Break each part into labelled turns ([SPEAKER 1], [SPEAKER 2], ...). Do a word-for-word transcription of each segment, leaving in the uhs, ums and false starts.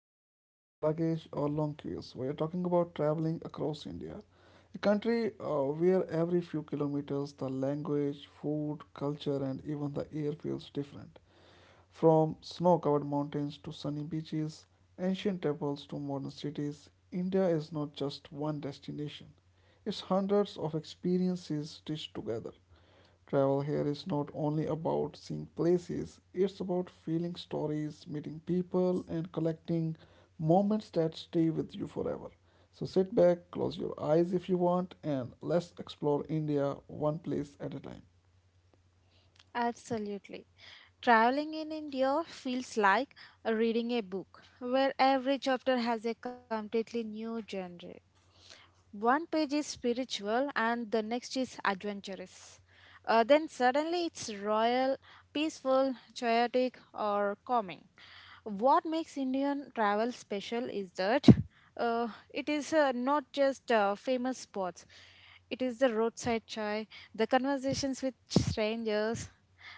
[SPEAKER 1] tickets, luggage or long queues. We are talking about traveling across India, a country uh, where every few kilometers the language, food, culture and even the air feels different. From snow-covered mountains to sunny beaches, ancient temples to modern cities, India is not just one destination. It's hundreds of experiences stitched together. Travel here is not only about seeing places, it's about feeling stories, meeting people, and collecting moments that stay with you forever. So sit back, close your eyes if you want, and let's explore India one place at a time.
[SPEAKER 2] Absolutely. Traveling in India feels like reading a book where every chapter has a completely new genre. One page is spiritual and the next is adventurous. Uh, then suddenly it's royal, peaceful, chaotic, or calming. What makes Indian travel special is that uh, it is uh, not just uh, famous spots, it is the roadside chai, the conversations with strangers,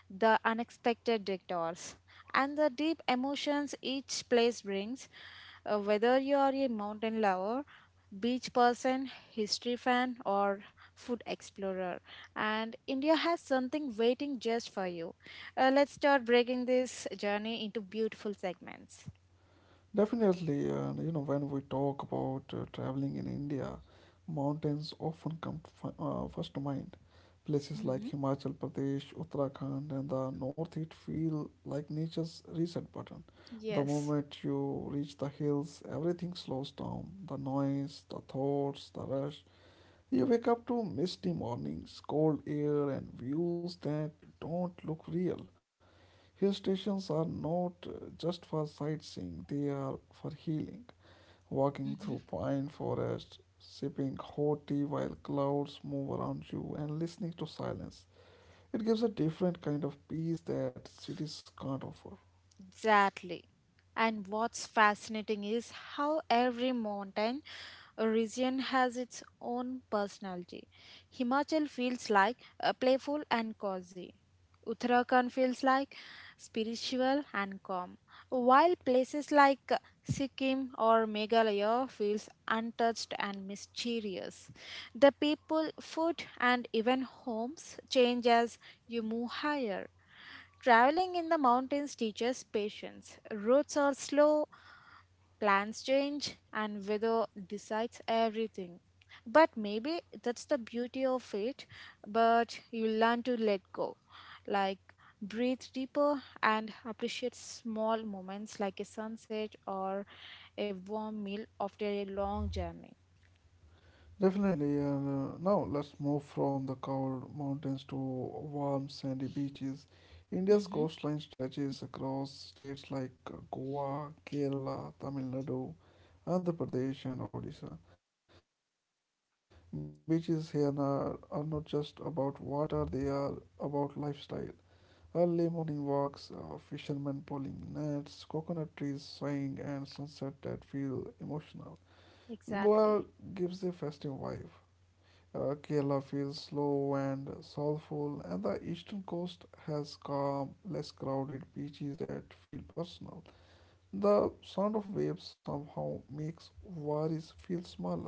[SPEAKER 2] the unexpected detours, and the deep emotions each place brings. Uh, whether you are a mountain lover beach person, history fan, or food explorer. And India has something waiting just for you. Uh, let's start breaking this journey into beautiful segments.
[SPEAKER 1] Definitely, and you know, when we talk about uh, traveling in India, mountains often come to fi- uh, first to mind. Places like
[SPEAKER 2] Mm-hmm.
[SPEAKER 1] Himachal Pradesh, Uttarakhand, and the North East feel like nature's reset button. The
[SPEAKER 2] Yes.
[SPEAKER 1] moment you reach the hills, everything slows down. The noise, the thoughts, the rush. You wake up to misty mornings, cold air, and views that don't look real. Hill stations are not uh, just for sightseeing, they are for healing. Walking through pine forests, sipping hot tea while clouds move around you, and listening to silence. It gives a different kind of peace that cities can't offer.
[SPEAKER 2] Exactly. And what's fascinating is how every mountain region has its own personality. Himachal feels like uh, playful and cozy. Uttarakhand feels like spiritual and calm, while places like uh, Sikkim or Meghalaya feels untouched and mysterious. The people, food, and even homes change as you move higher. Traveling in the mountains teaches patience. Roads are slow, plans change, and weather decides everything. But maybe that's the beauty of it, but you learn to let go. Like breathe deeper and appreciate small moments like a sunset or a warm meal after a long journey.
[SPEAKER 1] Definitely, and uh, now let's move from the cold mountains to warm sandy beaches. India's
[SPEAKER 2] Hmm.
[SPEAKER 1] coastline stretches across states like Goa, Kerala, Tamil Nadu, Andhra Pradesh, and Odisha. Beaches here are, are not just about water, they are about lifestyle. Early morning walks, uh, fishermen pulling nets, coconut trees swaying, and sunset that feel emotional.
[SPEAKER 2] Exactly.
[SPEAKER 1] Goa gives a festive vibe. Uh, Kerala feels slow and soulful, and the eastern coast has calm, less crowded beaches that feel personal. The sound of waves somehow makes worries feel smaller.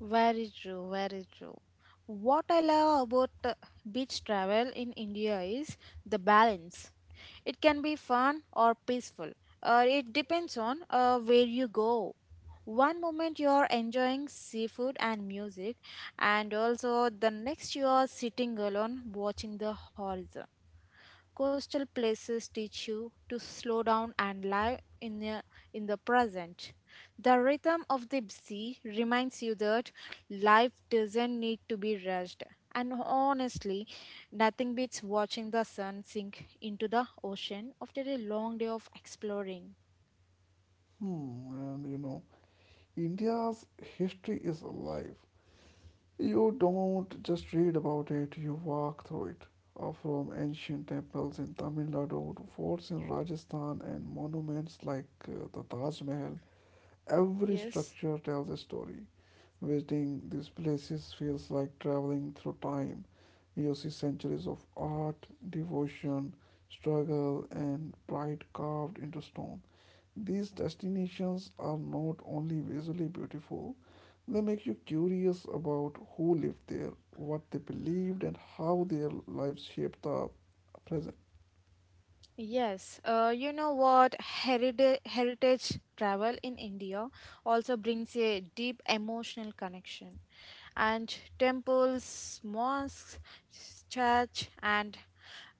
[SPEAKER 2] Very true, very true. What I love about uh, beach travel in India is the balance. It can be fun or peaceful. Uh, it depends on uh, where you go. One moment you are enjoying seafood and music, and also the next you are sitting alone watching the horizon. Coastal places teach you to slow down and live in the, in the present. The rhythm of the sea reminds you that life doesn't need to be rushed. And honestly, nothing beats watching the sun sink into the ocean after a long day of exploring.
[SPEAKER 1] Hmm, and you know, India's history is alive. You don't just read about it, you walk through it. Uh, From ancient temples in Tamil Nadu to forts in Rajasthan and monuments like uh, the Taj Mahal, every
[SPEAKER 2] Yes.
[SPEAKER 1] structure tells a story. Visiting these places feels like traveling through time. You see centuries of art, devotion, struggle, and pride carved into stone. These destinations are not only visually beautiful, they make you curious about who lived there, what they believed, and how their lives shaped the present.
[SPEAKER 2] Yes, uh, you know what? Heritage, heritage travel in India also brings a deep emotional connection. And temples, mosques, church, and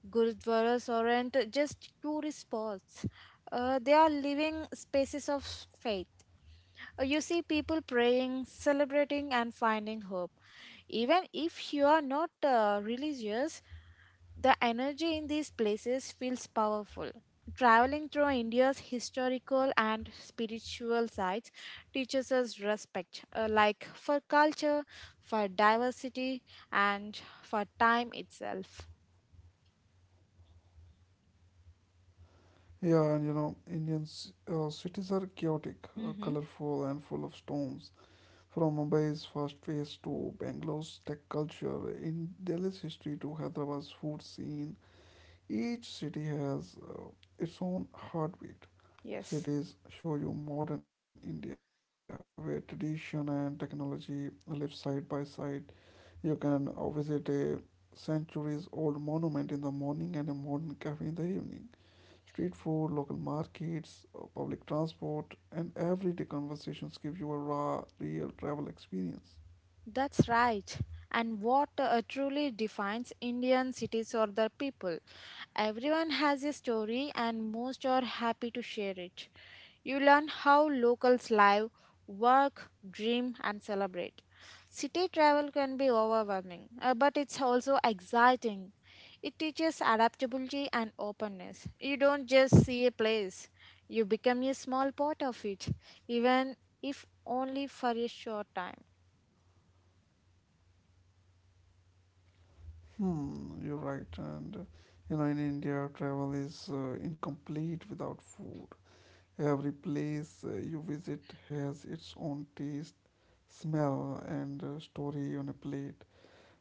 [SPEAKER 2] gurudwaras aren't just tourist spots. Uh, they are living spaces of faith. Uh, You see people praying, celebrating, and finding hope. Even if you are not uh, religious, the energy in these places feels powerful. Traveling through India's historical and spiritual sites teaches us respect, uh, like for culture, for diversity, and for time itself.
[SPEAKER 1] Yeah, and you know, Indian c- uh, cities are chaotic,
[SPEAKER 2] Hmm.
[SPEAKER 1] uh, colorful, and full of storms. From Mumbai's fast pace to Bangalore's tech culture, in Delhi's history to Hyderabad's food scene, each city has uh, its own
[SPEAKER 2] Yes.
[SPEAKER 1] heartbeat. Cities show you modern India where tradition and technology live side by side. You can uh, visit a centuries old monument in the morning and a modern cafe in the evening. Street food, local markets, uh, public transport, and everyday conversations give you a raw, real travel experience.
[SPEAKER 2] That's right. And what uh, truly defines Indian cities or the people? Everyone has a story, and most are happy to share it. You learn how locals live, work, dream, and celebrate. City travel can be overwhelming, uh, but it's also exciting. It teaches adaptability and openness. You don't just see a place, you become a small part of it, even if only for a short time.
[SPEAKER 1] Hmm, you're right. And you know, in India, travel is uh, incomplete without food. Every place uh, you visit has its own taste, smell, and uh, story on a plate.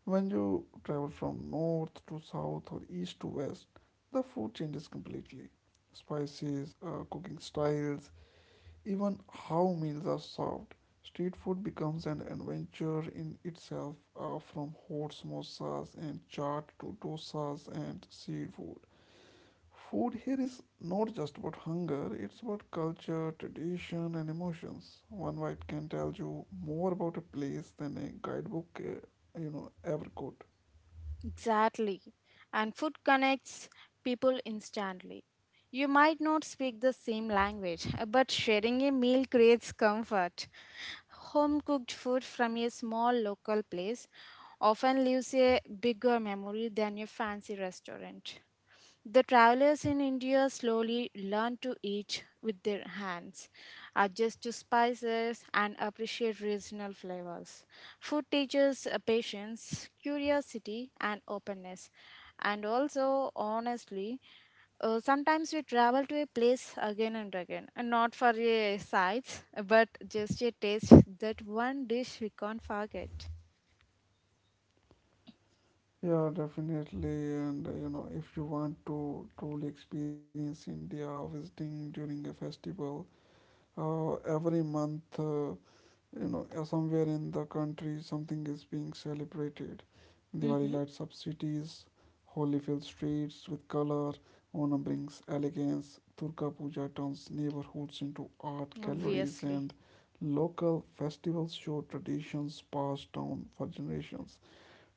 [SPEAKER 1] When you travel from north to south or east to west, the food changes completely. Spices, uh, cooking styles, even how meals are served, street food becomes an adventure in itself uh, from hot samosas and chaat to dosas and seafood. Food here is not just about hunger, it's about culture, tradition, and emotions. One bite can tell you more about a place than a guidebook, uh, you know, ever could.
[SPEAKER 2] Exactly. And food connects people instantly. You might not speak the same language, uh, but sharing a meal creates comfort. Home cooked food from a small local place often leaves a bigger memory than a fancy restaurant. The travelers in India slowly learn to eat with their hands, adjust to spices, and appreciate regional flavors. Food teaches uh, patience, curiosity, and openness. And also, honestly, uh, sometimes we travel to a place again and again, and not for a sights, but just a taste that one dish we can't forget.
[SPEAKER 1] Yeah, definitely. And uh, you know, if you want to truly experience India, visiting during a festival. Uh, every month, uh, you know, uh, somewhere in the country, something is being celebrated. Diwali
[SPEAKER 2] Hmm.
[SPEAKER 1] lights up cities, Holi fills streets with color, Onam brings elegance, Durga Puja turns neighborhoods into art galleries,
[SPEAKER 2] Obviously.
[SPEAKER 1] and local festivals show traditions passed down for generations.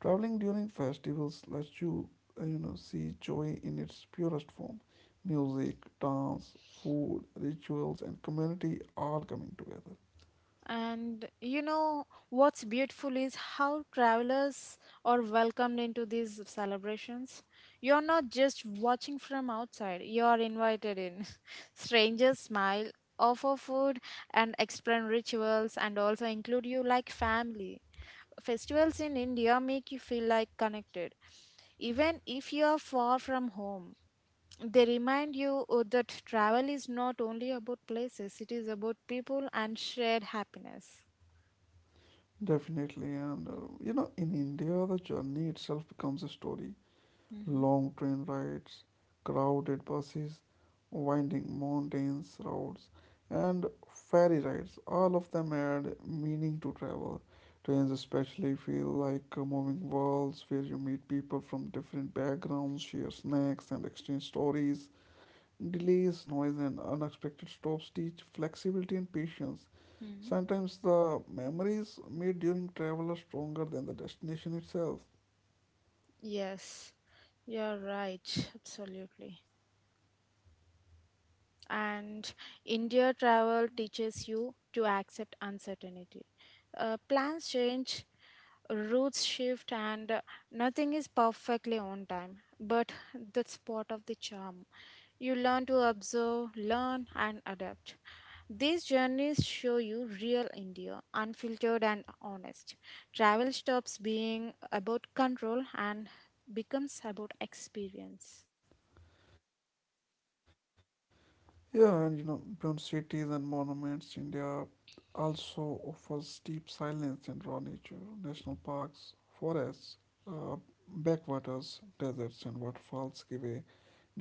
[SPEAKER 1] Traveling during festivals lets you, uh, you know, see joy in its purest form. Music, dance, food, rituals, and community all coming together.
[SPEAKER 2] And you know what's beautiful is how travelers are welcomed into these celebrations. You're not just watching from outside, you're invited in. Strangers smile, offer food, and explain rituals, and also include you like family. Festivals in India make you feel like connected, even if you are far from home. They remind you uh, that travel is not only about places, it is about people and shared happiness.
[SPEAKER 1] Definitely, and uh, you know, in India, the journey itself becomes a story.
[SPEAKER 2] Hmm.
[SPEAKER 1] Long train rides, crowded buses, winding mountains roads, and ferry rides. All of them add meaning to travel. Trains especially feel like uh, moving worlds where you meet people from different backgrounds, share snacks, and exchange stories. Delays, noise, and unexpected stops teach flexibility and patience. Sometimes the memories made during travel are stronger than the destination itself.
[SPEAKER 2] Yes, you're right. Absolutely. And India travel teaches you to accept uncertainty. Uh, plans change, routes shift, and uh, nothing is perfectly on time. But that's part of the charm. You learn to observe, learn, and adapt. These journeys show you real India, unfiltered and honest. Travel stops being about control and becomes about experience.
[SPEAKER 1] Yeah, and you know, beyond cities and monuments, India also offers deep silence and raw nature, national parks, forests, uh, backwaters, deserts, and waterfalls give a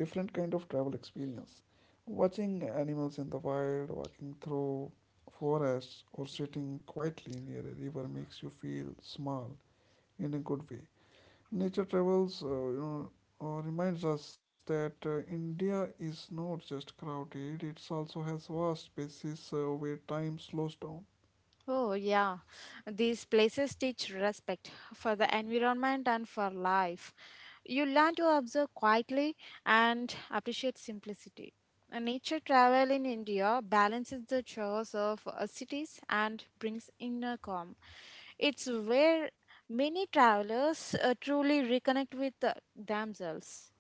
[SPEAKER 1] different kind of travel experience. Watching animals in the wild, walking through forests, or sitting quietly near a river makes you feel small in a good way. Nature travels, uh, you know, uh, reminds us that uh, India is not just crowded; it also has vast spaces uh, where time slows down.
[SPEAKER 2] Oh, yeah. These places teach respect for the environment and for life. You learn to observe quietly and appreciate simplicity. A nature travel in India balances the chores of uh, cities and brings inner calm. It's where many travelers uh, truly reconnect with uh, themselves.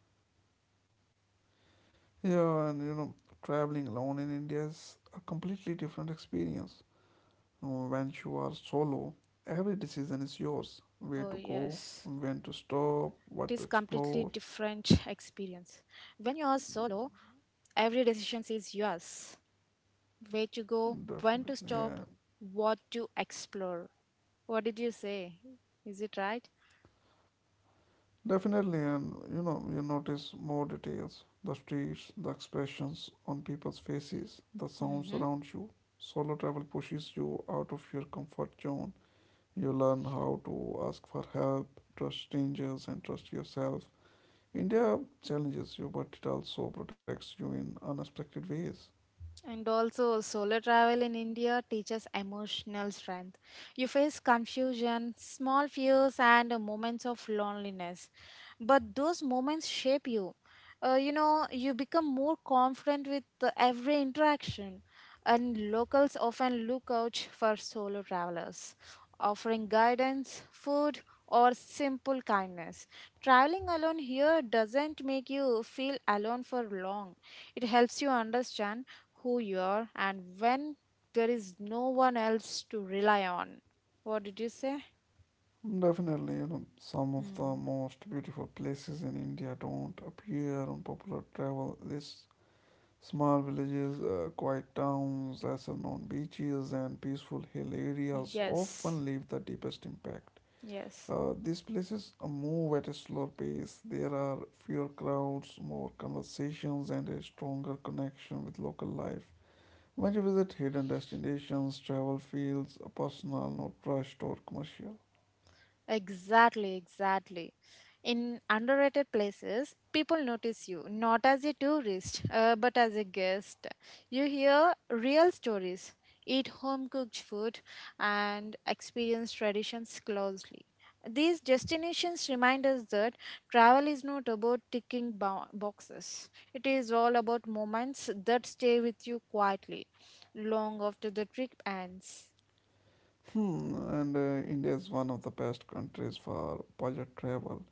[SPEAKER 1] Yeah, and you know, traveling alone in India is a completely different experience. Uh, When you are
[SPEAKER 2] Oh,
[SPEAKER 1] solo,
[SPEAKER 2] yes.
[SPEAKER 1] every decision is yours:
[SPEAKER 2] It
[SPEAKER 1] where
[SPEAKER 2] is
[SPEAKER 1] to go,
[SPEAKER 2] completely
[SPEAKER 1] when to
[SPEAKER 2] different
[SPEAKER 1] stop, what to
[SPEAKER 2] experience.
[SPEAKER 1] explore.
[SPEAKER 2] When you are solo, every decision is yours. Where to go, when to
[SPEAKER 1] Definitely,
[SPEAKER 2] stop,
[SPEAKER 1] yeah.
[SPEAKER 2] what to explore. What did you say? Is it right?
[SPEAKER 1] Definitely, and you know, you notice more details the streets, the expressions on people's faces, the sounds
[SPEAKER 2] Mhm.
[SPEAKER 1] around you. Solo travel pushes you out of your comfort zone. You learn how to ask for help, trust strangers, and trust yourself. India challenges you, but it also protects you in unexpected ways.
[SPEAKER 2] And also, solo travel in India teaches emotional strength. You face confusion, small fears, and uh, moments of loneliness. But those moments shape you. Uh, you know, you become more confident with uh, every interaction. And locals often look out for solo travelers, offering guidance, food, or simple kindness. Traveling alone here doesn't make you feel alone for long. It helps you understand who you are and when there is no one else to rely on. What did you say?
[SPEAKER 1] Definitely, you know, some of the
[SPEAKER 2] Hmm.
[SPEAKER 1] most beautiful places in India don't appear on popular travel lists. Small villages, uh, quiet towns, lesser known beaches, and peaceful hill areas
[SPEAKER 2] Yes.
[SPEAKER 1] often leave the deepest impact.
[SPEAKER 2] Yes.
[SPEAKER 1] Uh, these places uh, move at a slower pace. There are fewer crowds, more conversations, and a stronger connection with local life. When you visit hidden destinations, travel feels personal, not rushed or commercial.
[SPEAKER 2] Exactly, exactly. In underrated places, people notice you not as a tourist, uh, but as a guest. You hear real stories, eat home cooked food, and experience traditions closely. These destinations remind us that travel is not about ticking bo- boxes. It is all about moments that stay with you quietly, long after the trip ends.
[SPEAKER 1] Hmm, and uh, India is one of the best countries for budget travel.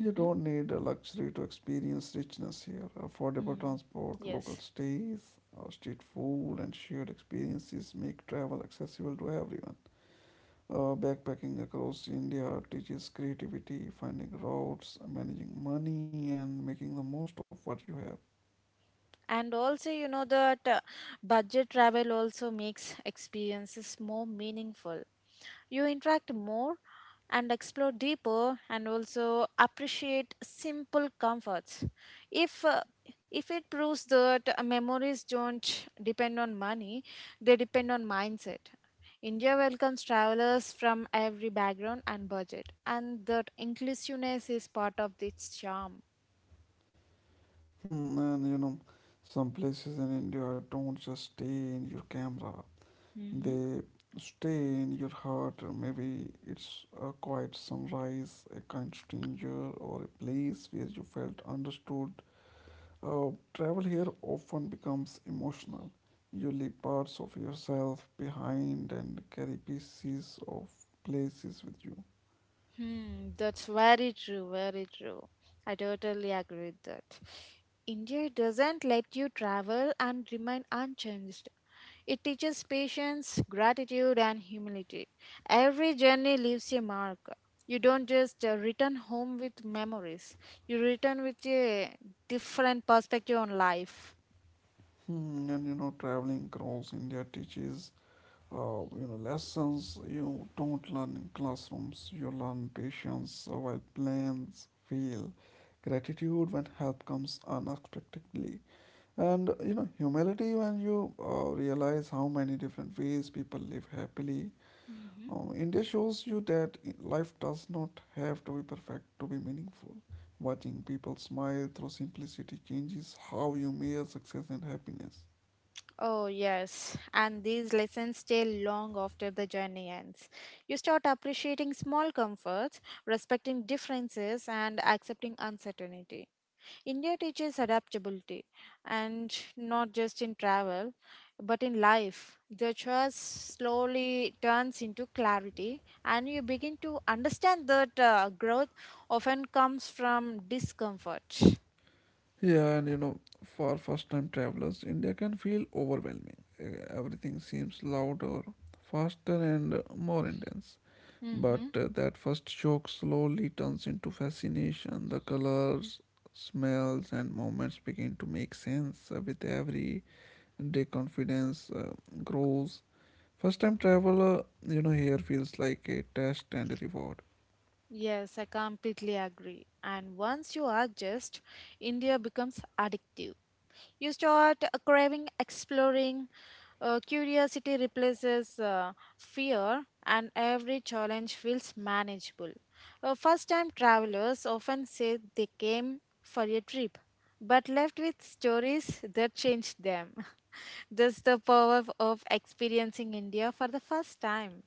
[SPEAKER 1] You don't need a luxury to experience richness here. Affordable transport, local
[SPEAKER 2] Yes.
[SPEAKER 1] stays, uh, street food, and shared experiences make travel accessible to everyone. Uh, backpacking across India teaches creativity, finding routes, managing money, and making the most of what you have.
[SPEAKER 2] And also you know that uh, budget travel also makes experiences more meaningful. You interact more and explore deeper, and also appreciate simple comforts, if uh, if it proves that uh, memories don't depend on money. They depend on mindset. India welcomes travelers from every background and budget, and that inclusiveness is part of its charm.
[SPEAKER 1] Hmm, and you know, some places in India don't just stay in your camera.
[SPEAKER 2] Mhm.
[SPEAKER 1] They stay in your heart. Maybe it's a quiet sunrise, a kind stranger, or a place where you felt understood. Uh, travel here often becomes emotional. You leave parts of yourself behind and carry pieces of places with you.
[SPEAKER 2] Hmm, that's very true, very true. I totally agree with that. India doesn't let you travel and remain unchanged. It teaches patience, gratitude, and humility. Every journey leaves a mark. You don't just uh, return home with memories, you return with a different perspective on life.
[SPEAKER 1] Hmm, and you know, traveling across India teaches uh, you know, lessons you don't learn in classrooms. You learn patience while plans fail, gratitude when help comes unexpectedly, and you know, humility when you uh, realize how many different ways people live happily.
[SPEAKER 2] Mhm.
[SPEAKER 1] Um, India shows you that i- life does not have to be perfect to be meaningful. Watching people smile through simplicity changes how you measure success and happiness.
[SPEAKER 2] Oh, yes. And these lessons stay long after the journey ends. You start appreciating small comforts, respecting differences, and accepting uncertainty. India teaches adaptability, and not just in travel, but in life. The choice slowly turns into clarity, and you begin to understand that uh, growth often comes from discomfort.
[SPEAKER 1] Yeah, and you know, for first time travelers, India can feel overwhelming. Eh, Everything seems louder, faster, and uh, more intense. But
[SPEAKER 2] Mhm.
[SPEAKER 1] uh, that first shock slowly turns into fascination. The colors, smells, and movements begin to make sense uh, with every day, confidence uh, grows. First time traveler, you know, here feels like a test and a reward.
[SPEAKER 2] Yes, I completely agree. And once you adjust, India becomes addictive. You start uh, craving, exploring, uh, curiosity replaces uh, fear, and every challenge feels manageable. Uh, First time travelers often say they came for a trip, but left with stories that changed them. That's the power of experiencing India for the first time.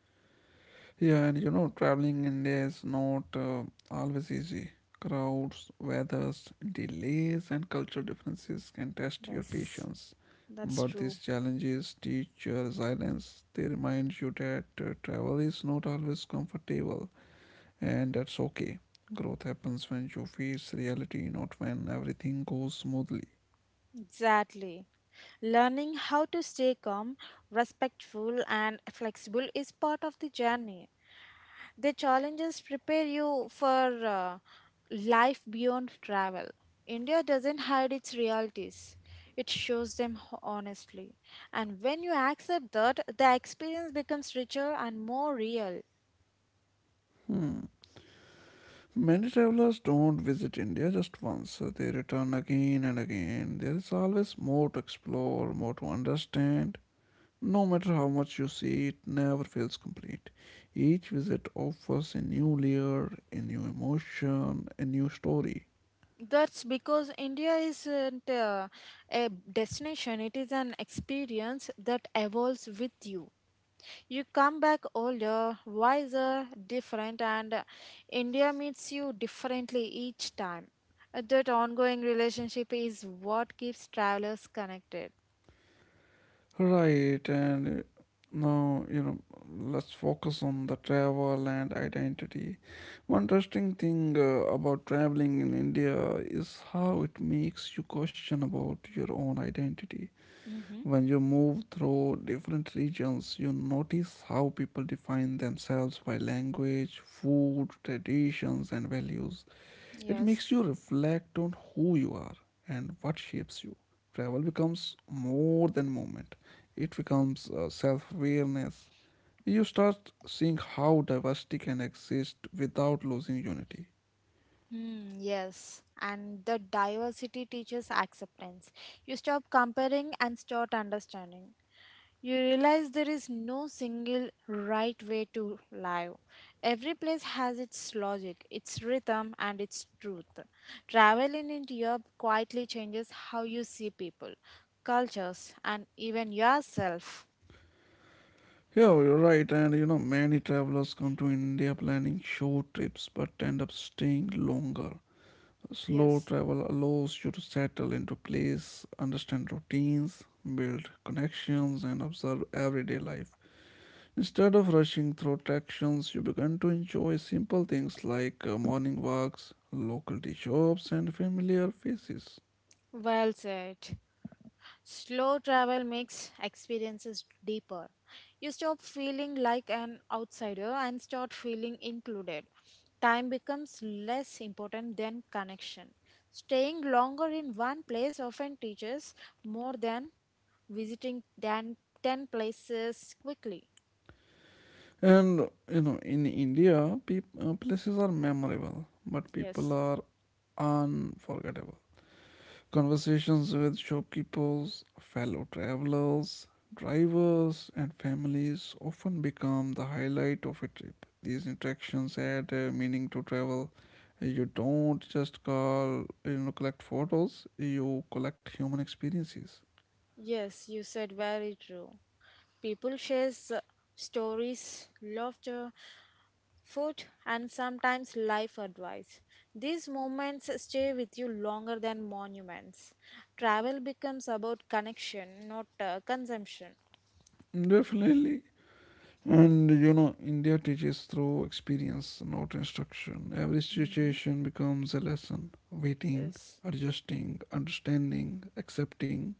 [SPEAKER 1] Yeah, and you know, traveling India is not uh, always easy. Crowds, weathers, delays, and cultural differences can test your
[SPEAKER 2] Yes,
[SPEAKER 1] patience.
[SPEAKER 2] that's
[SPEAKER 1] But these
[SPEAKER 2] true.
[SPEAKER 1] challenges teach your resilience. They remind you that uh, travel is not always comfortable, and that's okay. Growth happens when you face reality, not when everything goes smoothly.
[SPEAKER 2] Exactly. Learning how to stay calm, respectful, and flexible is part of the journey. The challenges prepare you for uh, life beyond travel. India doesn't hide its realities, it shows them ho- honestly. And when you accept that, the experience becomes richer and more real.
[SPEAKER 1] Hmm. Many travelers don't visit India just once, so they return again and again. There is always more to explore, more to understand. No matter how much you see, it never feels complete. Each visit offers a new layer, a new emotion, a new story.
[SPEAKER 2] That's because India isn't uh, a destination, it is an experience that evolves with you. You come back older, wiser, different, and uh, India meets you differently each time. Uh, That ongoing relationship is what keeps travelers connected.
[SPEAKER 1] Right, and uh, now you know, let's focus on the travel and identity. One interesting thing uh, about traveling in India is how it makes you question about your own identity.
[SPEAKER 2] Mm-hmm.
[SPEAKER 1] When you move through different regions, you notice how people define themselves by language, food, traditions, and values. It makes
[SPEAKER 2] Yes.
[SPEAKER 1] you reflect on who you are and what shapes you. Travel becomes more than movement, it becomes uh, self awareness. You start seeing how diversity can exist without losing unity.
[SPEAKER 2] Hmm, yes. And the diversity teaches acceptance. You stop comparing and start understanding. You realize there is no single right way to live. Every place has its logic, its rhythm, and its truth. Travel in India quietly changes how you see people, cultures, and even yourself.
[SPEAKER 1] Yeah, you're right, and you know, many travelers come to India planning short trips but end up staying longer. Slow
[SPEAKER 2] Yes,
[SPEAKER 1] travel allows you to settle into place, understand routines, build connections, and observe everyday life. Instead of rushing through attractions, you begin to enjoy simple things like uh, morning walks, local tea shops, and familiar faces.
[SPEAKER 2] well said. Slow travel makes experiences deeper. You stop feeling like an outsider and start feeling included. Time becomes less important than connection. Staying longer in one place often teaches more than visiting than ten places quickly.
[SPEAKER 1] And you know, in India, peop- uh, places are memorable, but people
[SPEAKER 2] Yes,
[SPEAKER 1] are unforgettable. Conversations with shopkeepers, fellow travelers, drivers, and families often become the highlight of a trip. These interactions add uh, meaning to travel. You don't just call, you know, collect photos, you collect human experiences.
[SPEAKER 2] yes, you said very true. People share stories, laughter, food, and sometimes life advice. These moments stay with you longer than monuments. Travel becomes about connection, not uh, consumption.
[SPEAKER 1] Definitely. And you know, India teaches through experience, not instruction. Every
[SPEAKER 2] Hmm.
[SPEAKER 1] situation becomes a lesson. Waiting,
[SPEAKER 2] Yes.
[SPEAKER 1] adjusting, understanding, accepting.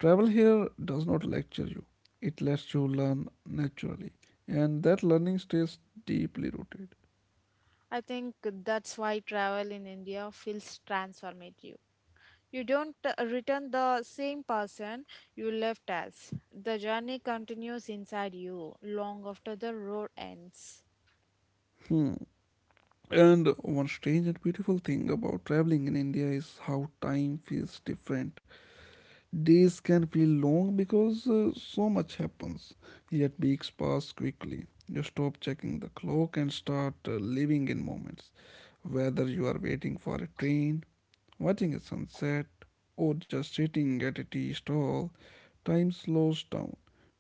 [SPEAKER 1] Travel here does not lecture you, it lets you learn naturally, and that learning stays deeply rooted.
[SPEAKER 2] I think that's why travel in India feels transformative. You don't uh, return the same person you left as. The journey continues inside you long after the road ends.
[SPEAKER 1] Hmm. And one strange and beautiful thing about traveling in India is how time feels different. Days can feel long because uh, so much happens, yet weeks pass quickly. You stop checking the clock and start uh, living in moments. Whether you are waiting for a train, watching a sunset, or just sitting at a tea stall, time slows down.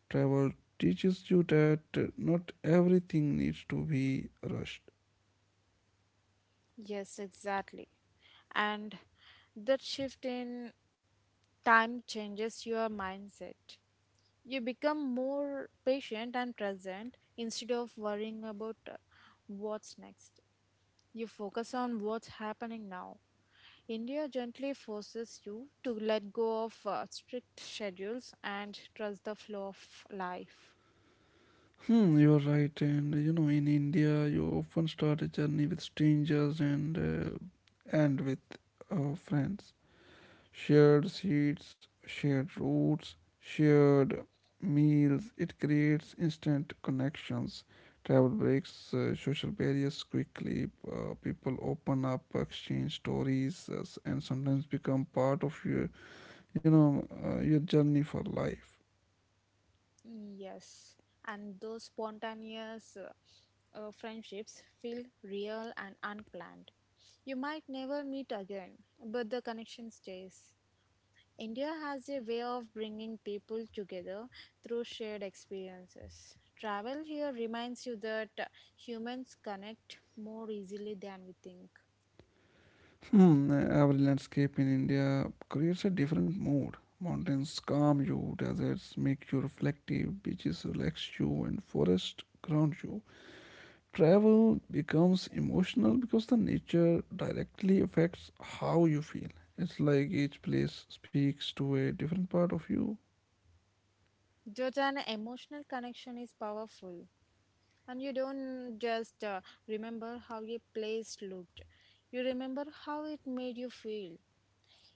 [SPEAKER 1] Travel teaches you that not everything needs to be rushed.
[SPEAKER 2] Yes, exactly. And that shift in time changes your mindset. You become more patient and present, instead of worrying about uh, what's next. You focus on what's happening now. India gently forces you to let go of uh, strict schedules and trust the flow of life.
[SPEAKER 1] Hmm, you're right, and you know, in India, you often start a journey with strangers and uh, end with uh, friends. Shared seats, shared routes, shared meals. It creates instant connections. Travel breaks uh, social barriers quickly. Uh, people open up, exchange stories, uh, s- and sometimes become part of your, you know, uh, your journey for life.
[SPEAKER 2] Yes, and those spontaneous uh, uh, friendships feel real and unplanned. You might never meet again, but the connection stays. India has a way of bringing people together through shared experiences. Travel here reminds you that uh, humans connect more easily than we think.
[SPEAKER 1] Hmm, every landscape in India creates a different mood. Mountains calm you, deserts make you reflective, beaches relax you, and forests ground you. Travel becomes emotional because the nature directly affects how you feel. It's like each place speaks to a different part of you.
[SPEAKER 2] Georgia, an emotional connection is powerful. And you don't just uh, remember how a place looked, you remember how it made you feel.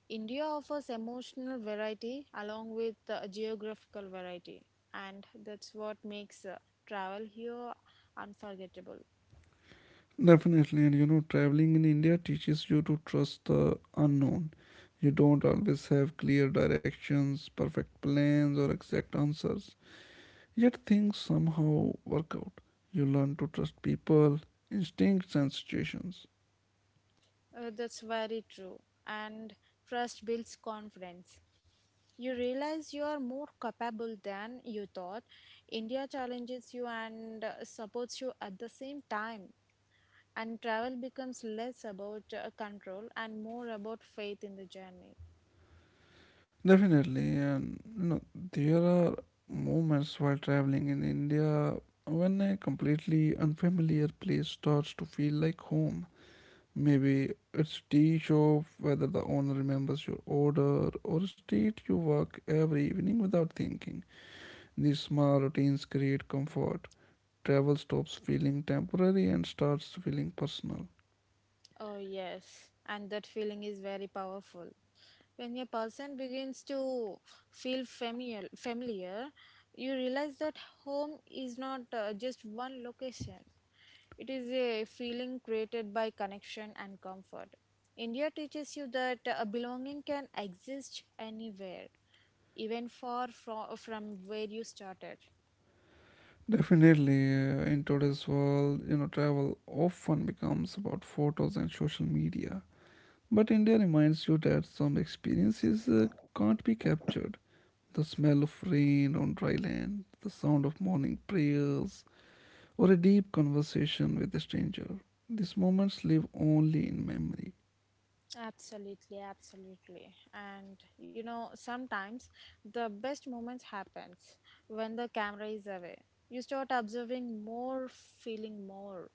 [SPEAKER 2] India offers emotional variety along with uh, geographical variety, and that's what makes uh, travel here unforgettable.
[SPEAKER 1] Definitely, and you know, traveling in India teaches you to trust the unknown. You don't always have clear directions, perfect plans, or exact answers. Yet things somehow work out. You learn to trust people, instincts, and situations.
[SPEAKER 2] Uh, that's very true, and trust builds confidence. You realize you are more capable than you thought. India challenges you and uh, supports you at the same time. And travel becomes less about uh, control and more about faith in the journey.
[SPEAKER 1] Definitely, and you know, there are moments while traveling in India when a completely unfamiliar place starts to feel like home. Maybe it's tea shop, whether the owner remembers your order, or a street you walk every evening without thinking. These small routines create comfort. Travel stops feeling temporary and starts feeling personal.
[SPEAKER 2] Oh, yes. And that feeling is very powerful. When a person begins to feel familiar, familiar you realize that home is not uh, just one location. It is a feeling created by connection and comfort. India teaches you that uh, belonging can exist anywhere, even far from, from where you started.
[SPEAKER 1] Definitely, uh, in today's world, you know, travel often becomes about photos and social media. But India reminds you that some experiences uh, can't be captured. The smell of rain on dry land, the sound of morning prayers, or a deep conversation with a stranger. These moments live only in memory.
[SPEAKER 2] Absolutely, absolutely. And you know, sometimes the best moments happens when the camera is away. You start observing more, feeling more,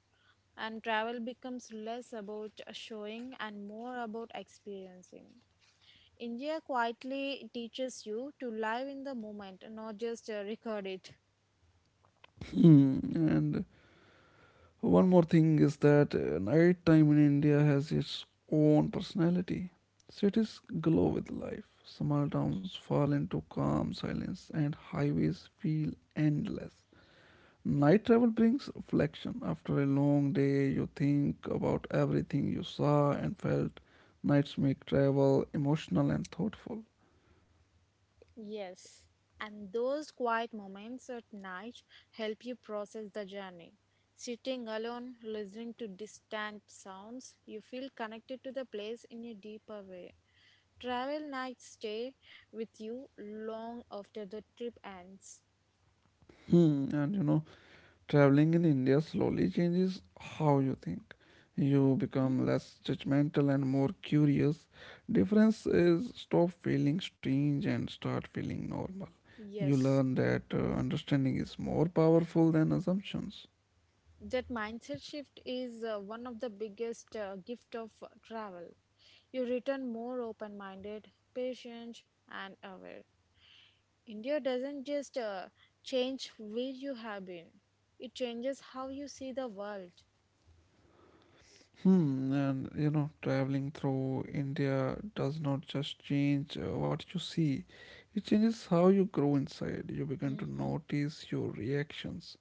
[SPEAKER 2] and travel becomes less about showing and more about experiencing. India quietly teaches you to live in the moment, not just uh, record it.
[SPEAKER 1] And one more thing is that uh, night time in India has its own personality. Cities glow with life. Small towns fall into calm silence, and highways feel endless. Night travel brings reflection. After a long day, you think about everything you saw and felt. Nights make travel emotional and thoughtful.
[SPEAKER 2] Yes, and those quiet moments at night help you process the journey. Sitting alone, listening to distant sounds, you feel connected to the place in a deeper way. Travel nights stay with you long after the trip ends.
[SPEAKER 1] Hmm, and you know, traveling in India slowly changes how you think. You
[SPEAKER 2] Hmm?
[SPEAKER 1] become less judgmental and more curious. Difference is stop feeling strange and start feeling normal. You
[SPEAKER 2] Yes,
[SPEAKER 1] learn that uh, understanding is more powerful than assumptions.
[SPEAKER 2] that mindset shift is uh, one of the biggest uh, gift of uh, travel. You return more open-minded, patient, and aware. India doesn't just uh, change where you have been, it changes how you see the world.
[SPEAKER 1] Hmm, and you know, traveling through India does not just change uh, what you see, it changes how you grow inside. You begin to
[SPEAKER 2] Hmm.
[SPEAKER 1] notice your reactions,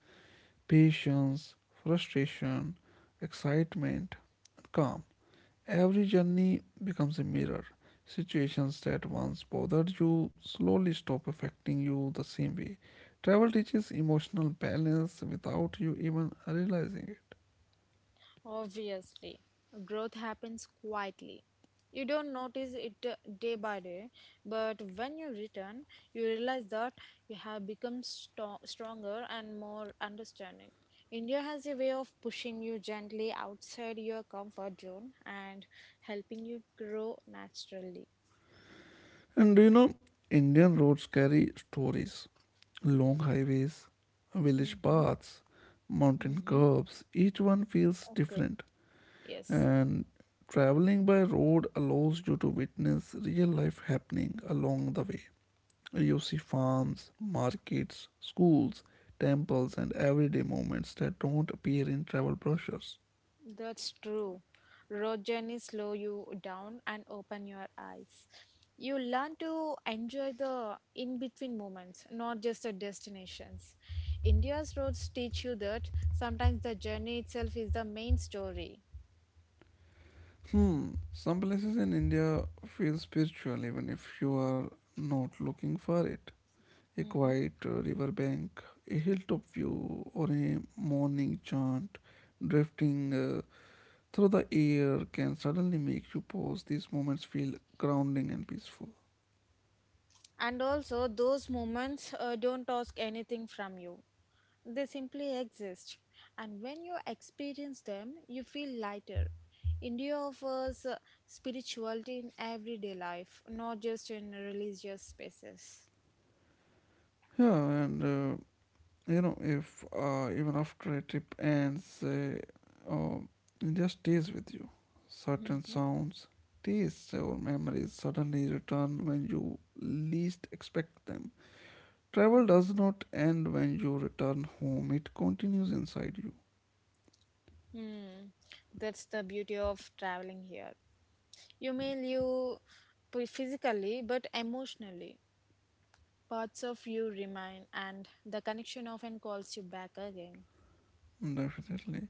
[SPEAKER 1] patience, frustration, excitement, and calm. Every journey becomes a mirror. Situations that once bothered you slowly stop affecting you the same way. Travel teaches emotional balance without you even realizing it.
[SPEAKER 2] Obviously, growth happens quietly. You don't notice it uh, day by day, but when you return, you realize that you have become sto- stronger and more understanding. India has a way of pushing you gently outside your comfort zone and helping you grow naturally.
[SPEAKER 1] And do you know, Indian roads carry stories, long highways, village
[SPEAKER 2] Mm-hmm.
[SPEAKER 1] paths, mountain
[SPEAKER 2] Mm-hmm.
[SPEAKER 1] curves, each one feels
[SPEAKER 2] Okay.
[SPEAKER 1] different.
[SPEAKER 2] Yes.
[SPEAKER 1] And traveling by road allows you to witness real life happening along the way. You see farms, markets, schools, temples, and everyday moments that don't appear in travel brochures.
[SPEAKER 2] That's true. Road journeys slow you down and open your eyes. You learn to enjoy the in between moments, not just the destinations. India's roads teach you that sometimes the journey itself is the main story.
[SPEAKER 1] Hmm, some places in India feel spiritual even if you are not looking for it. A
[SPEAKER 2] Hmm.
[SPEAKER 1] quiet uh, riverbank, a hilltop view, or a morning chant drifting uh, through the air can suddenly make you pause. These moments feel grounding and peaceful.
[SPEAKER 2] And also, those moments uh, don't ask anything from you. They simply exist, and when you experience them, you feel lighter. India offers uh, spirituality in everyday life, not just in religious spaces.
[SPEAKER 1] Yeah, and uh, you know, if uh, even after a trip ends, uh, uh, it just stays with you. Certain
[SPEAKER 2] Mhm.
[SPEAKER 1] sounds, tastes, or memories suddenly return when you least expect them. Travel
[SPEAKER 2] Mm.
[SPEAKER 1] does not end when you return home, it continues inside you.
[SPEAKER 2] Hmm. That's the beauty of traveling here. You may live p- physically, but emotionally, parts of you remain, and the connection often calls you back again.
[SPEAKER 1] Definitely.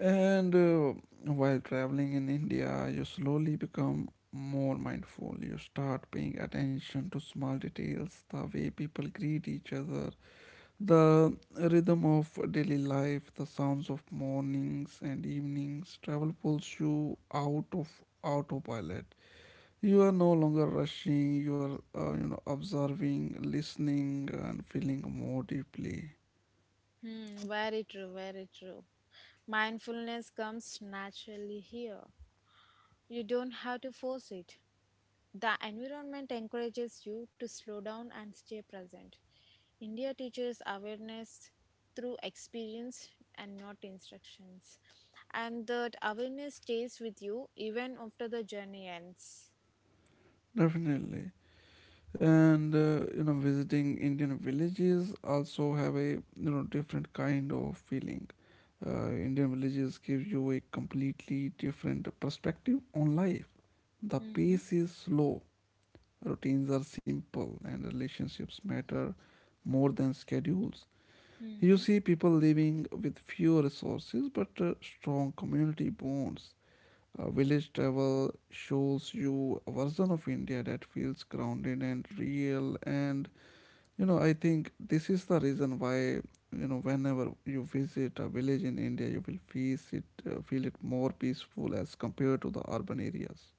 [SPEAKER 1] And uh, while traveling in India, you slowly become more mindful. You start paying attention to small details, the way people greet each other, the rhythm of daily life, the sounds of mornings and evenings. Travel pulls you out of autopilot. You are no longer rushing, you are uh, you know observing, listening and feeling more deeply.
[SPEAKER 2] Hmm. Very true, very true. Mindfulness comes naturally here. You don't have to force it. The environment encourages you to slow down and stay present. India teaches awareness through experience and not instructions. And that awareness stays with you even after the journey ends.
[SPEAKER 1] Definitely. And uh, you know visiting Indian villages also have a you know different kind of feeling. Uh, Indian villages give you a completely different perspective on life. The
[SPEAKER 2] Hmm.
[SPEAKER 1] pace is slow, routines are simple and relationships matter more than schedules. You see people living with few resources but uh, strong community bonds. Uh, village travel shows you a version of India that feels grounded and real. And you know, I think this is the reason why you know whenever you visit a village in India, you will feel it uh, feel it more peaceful as compared to the urban areas.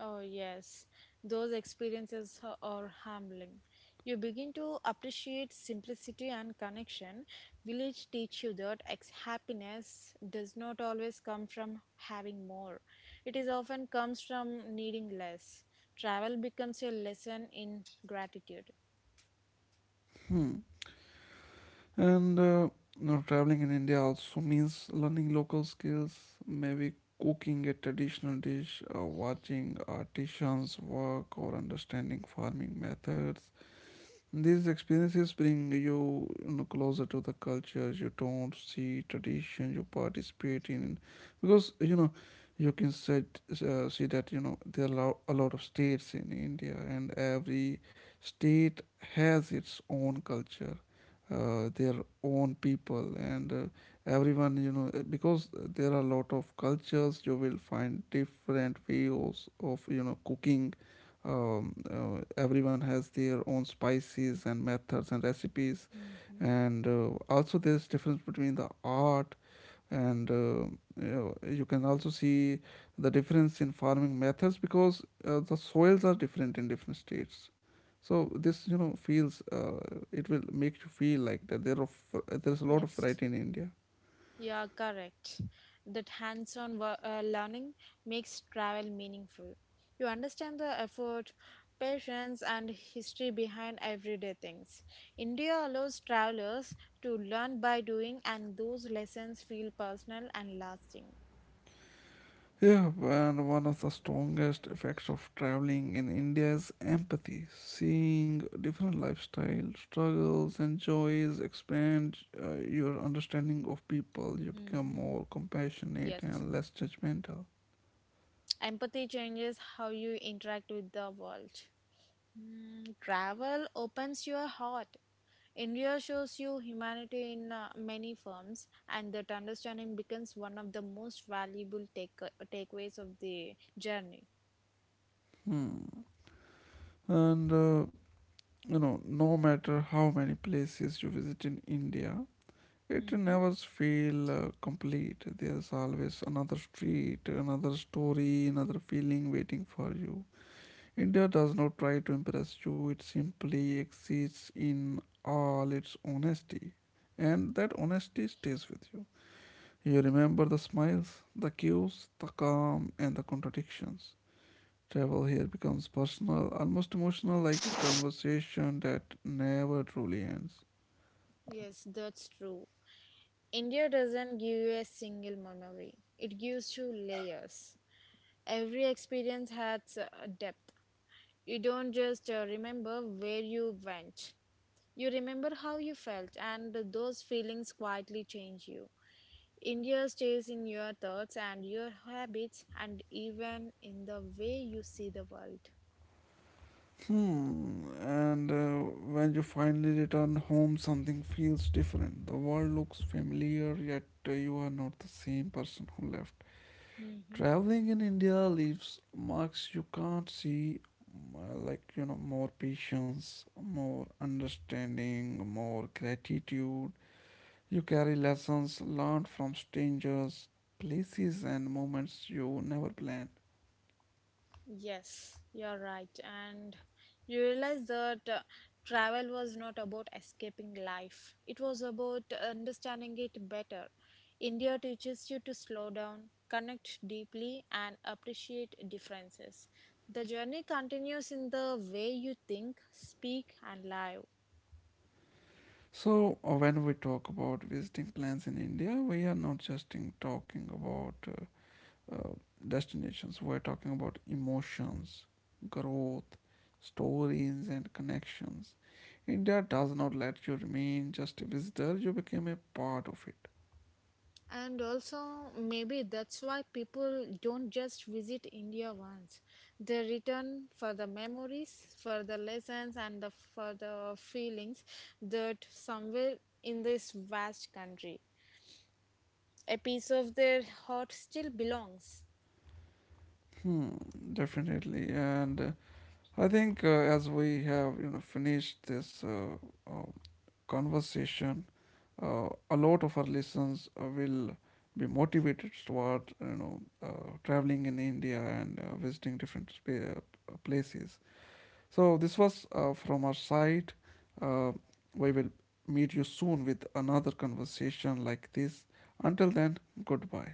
[SPEAKER 2] Oh, yes, those experiences ha- are humbling. You begin to appreciate simplicity and connection. Village teach you that ex- happiness does not always come from having more. It is often comes from needing less. Travel becomes a lesson in gratitude.
[SPEAKER 1] Hmm. And uh, now traveling in India also means learning local skills, maybe cooking a traditional dish, uh, watching artisans work, or understanding farming methods. These experiences bring you, you know, closer to the cultures you don't see, tradition you participate in, because you know you can set, uh, see that you know there are lo- a lot of states in India, and every state has its own culture, uh, their own people, and uh, everyone you know uh, because there are a lot of cultures you will find different ways of you know cooking um, uh, everyone has their own spices and methods and recipes
[SPEAKER 2] Hmm.
[SPEAKER 1] and uh, also there's difference between the art and uh, you, know, you can also see the difference in farming methods because uh, the soils are different in different states so this you know feels uh, it will make you feel like that there are f- there's a lot of
[SPEAKER 2] Yes.
[SPEAKER 1] variety in india.
[SPEAKER 2] Yeah, correct. That hands on uh, learning makes travel meaningful. You understand the effort, patience, and history behind everyday things. India allows travelers to learn by doing, and those lessons feel personal and lasting.
[SPEAKER 1] Yeah, and one of the strongest effects of traveling in India is empathy. Seeing different lifestyles, struggles, and joys expand uh, your understanding of people. You become
[SPEAKER 2] Hmm.
[SPEAKER 1] more compassionate
[SPEAKER 2] Yes.
[SPEAKER 1] and less judgmental.
[SPEAKER 2] Empathy changes how you interact with the world. Mm, travel opens your heart. India shows you humanity in uh, many forms, and that understanding becomes one of the most valuable take- uh, takeaways of the journey.
[SPEAKER 1] Hmm. And uh, you know, no matter how many places you visit in India, it
[SPEAKER 2] Hmm.
[SPEAKER 1] never feels uh, complete. There's always another street, another story, another feeling waiting for you. India does not try to impress you, it simply exists in all its honesty. And that honesty stays with you. You remember the smiles, the cues, the calm, and the contradictions. Travel here becomes personal, almost emotional, like a conversation that never truly ends.
[SPEAKER 2] Yes, that's true. India doesn't give you a single memory, it gives you layers. Every experience has a depth. You don't just uh, remember where you went, you remember how you felt, and those feelings quietly change you. India stays in your thoughts and your habits, and even in the way you see the world.
[SPEAKER 1] Hmm, and uh, when you finally return home, something feels different. The world looks familiar, yet uh, you are not the same person who left.
[SPEAKER 2] Mm-hmm.
[SPEAKER 1] Traveling in India leaves marks you can't see, uh, like, you know, more patience, more understanding, more gratitude. You carry lessons learned from strangers, places, and moments you never planned.
[SPEAKER 2] Yes, you're right. And you realize that uh, travel was not about escaping life, it was about understanding it better. India teaches you to slow down, connect deeply, and appreciate differences. The journey continues in the way you think, speak, and live.
[SPEAKER 1] So, uh, when we talk about visiting plans in India, we are not just in talking about uh, uh, destinations. We're talking about emotions, growth, stories, and connections. India does not let you remain just a visitor, you became a part of it.
[SPEAKER 2] And also, maybe that's why people don't just visit India once. They return for the memories, for the lessons, and the, for the feelings that somewhere in this vast country, a piece of their heart still belongs.
[SPEAKER 1] Hmm, definitely. And uh, I think uh, as we have you know finished this uh, uh, conversation, uh, a lot of our listeners uh, will be motivated toward you know uh, traveling in India and uh, visiting different spa- uh, places. So, this was uh, from our side. Uh, we will meet you soon with another conversation like this. Until then, goodbye.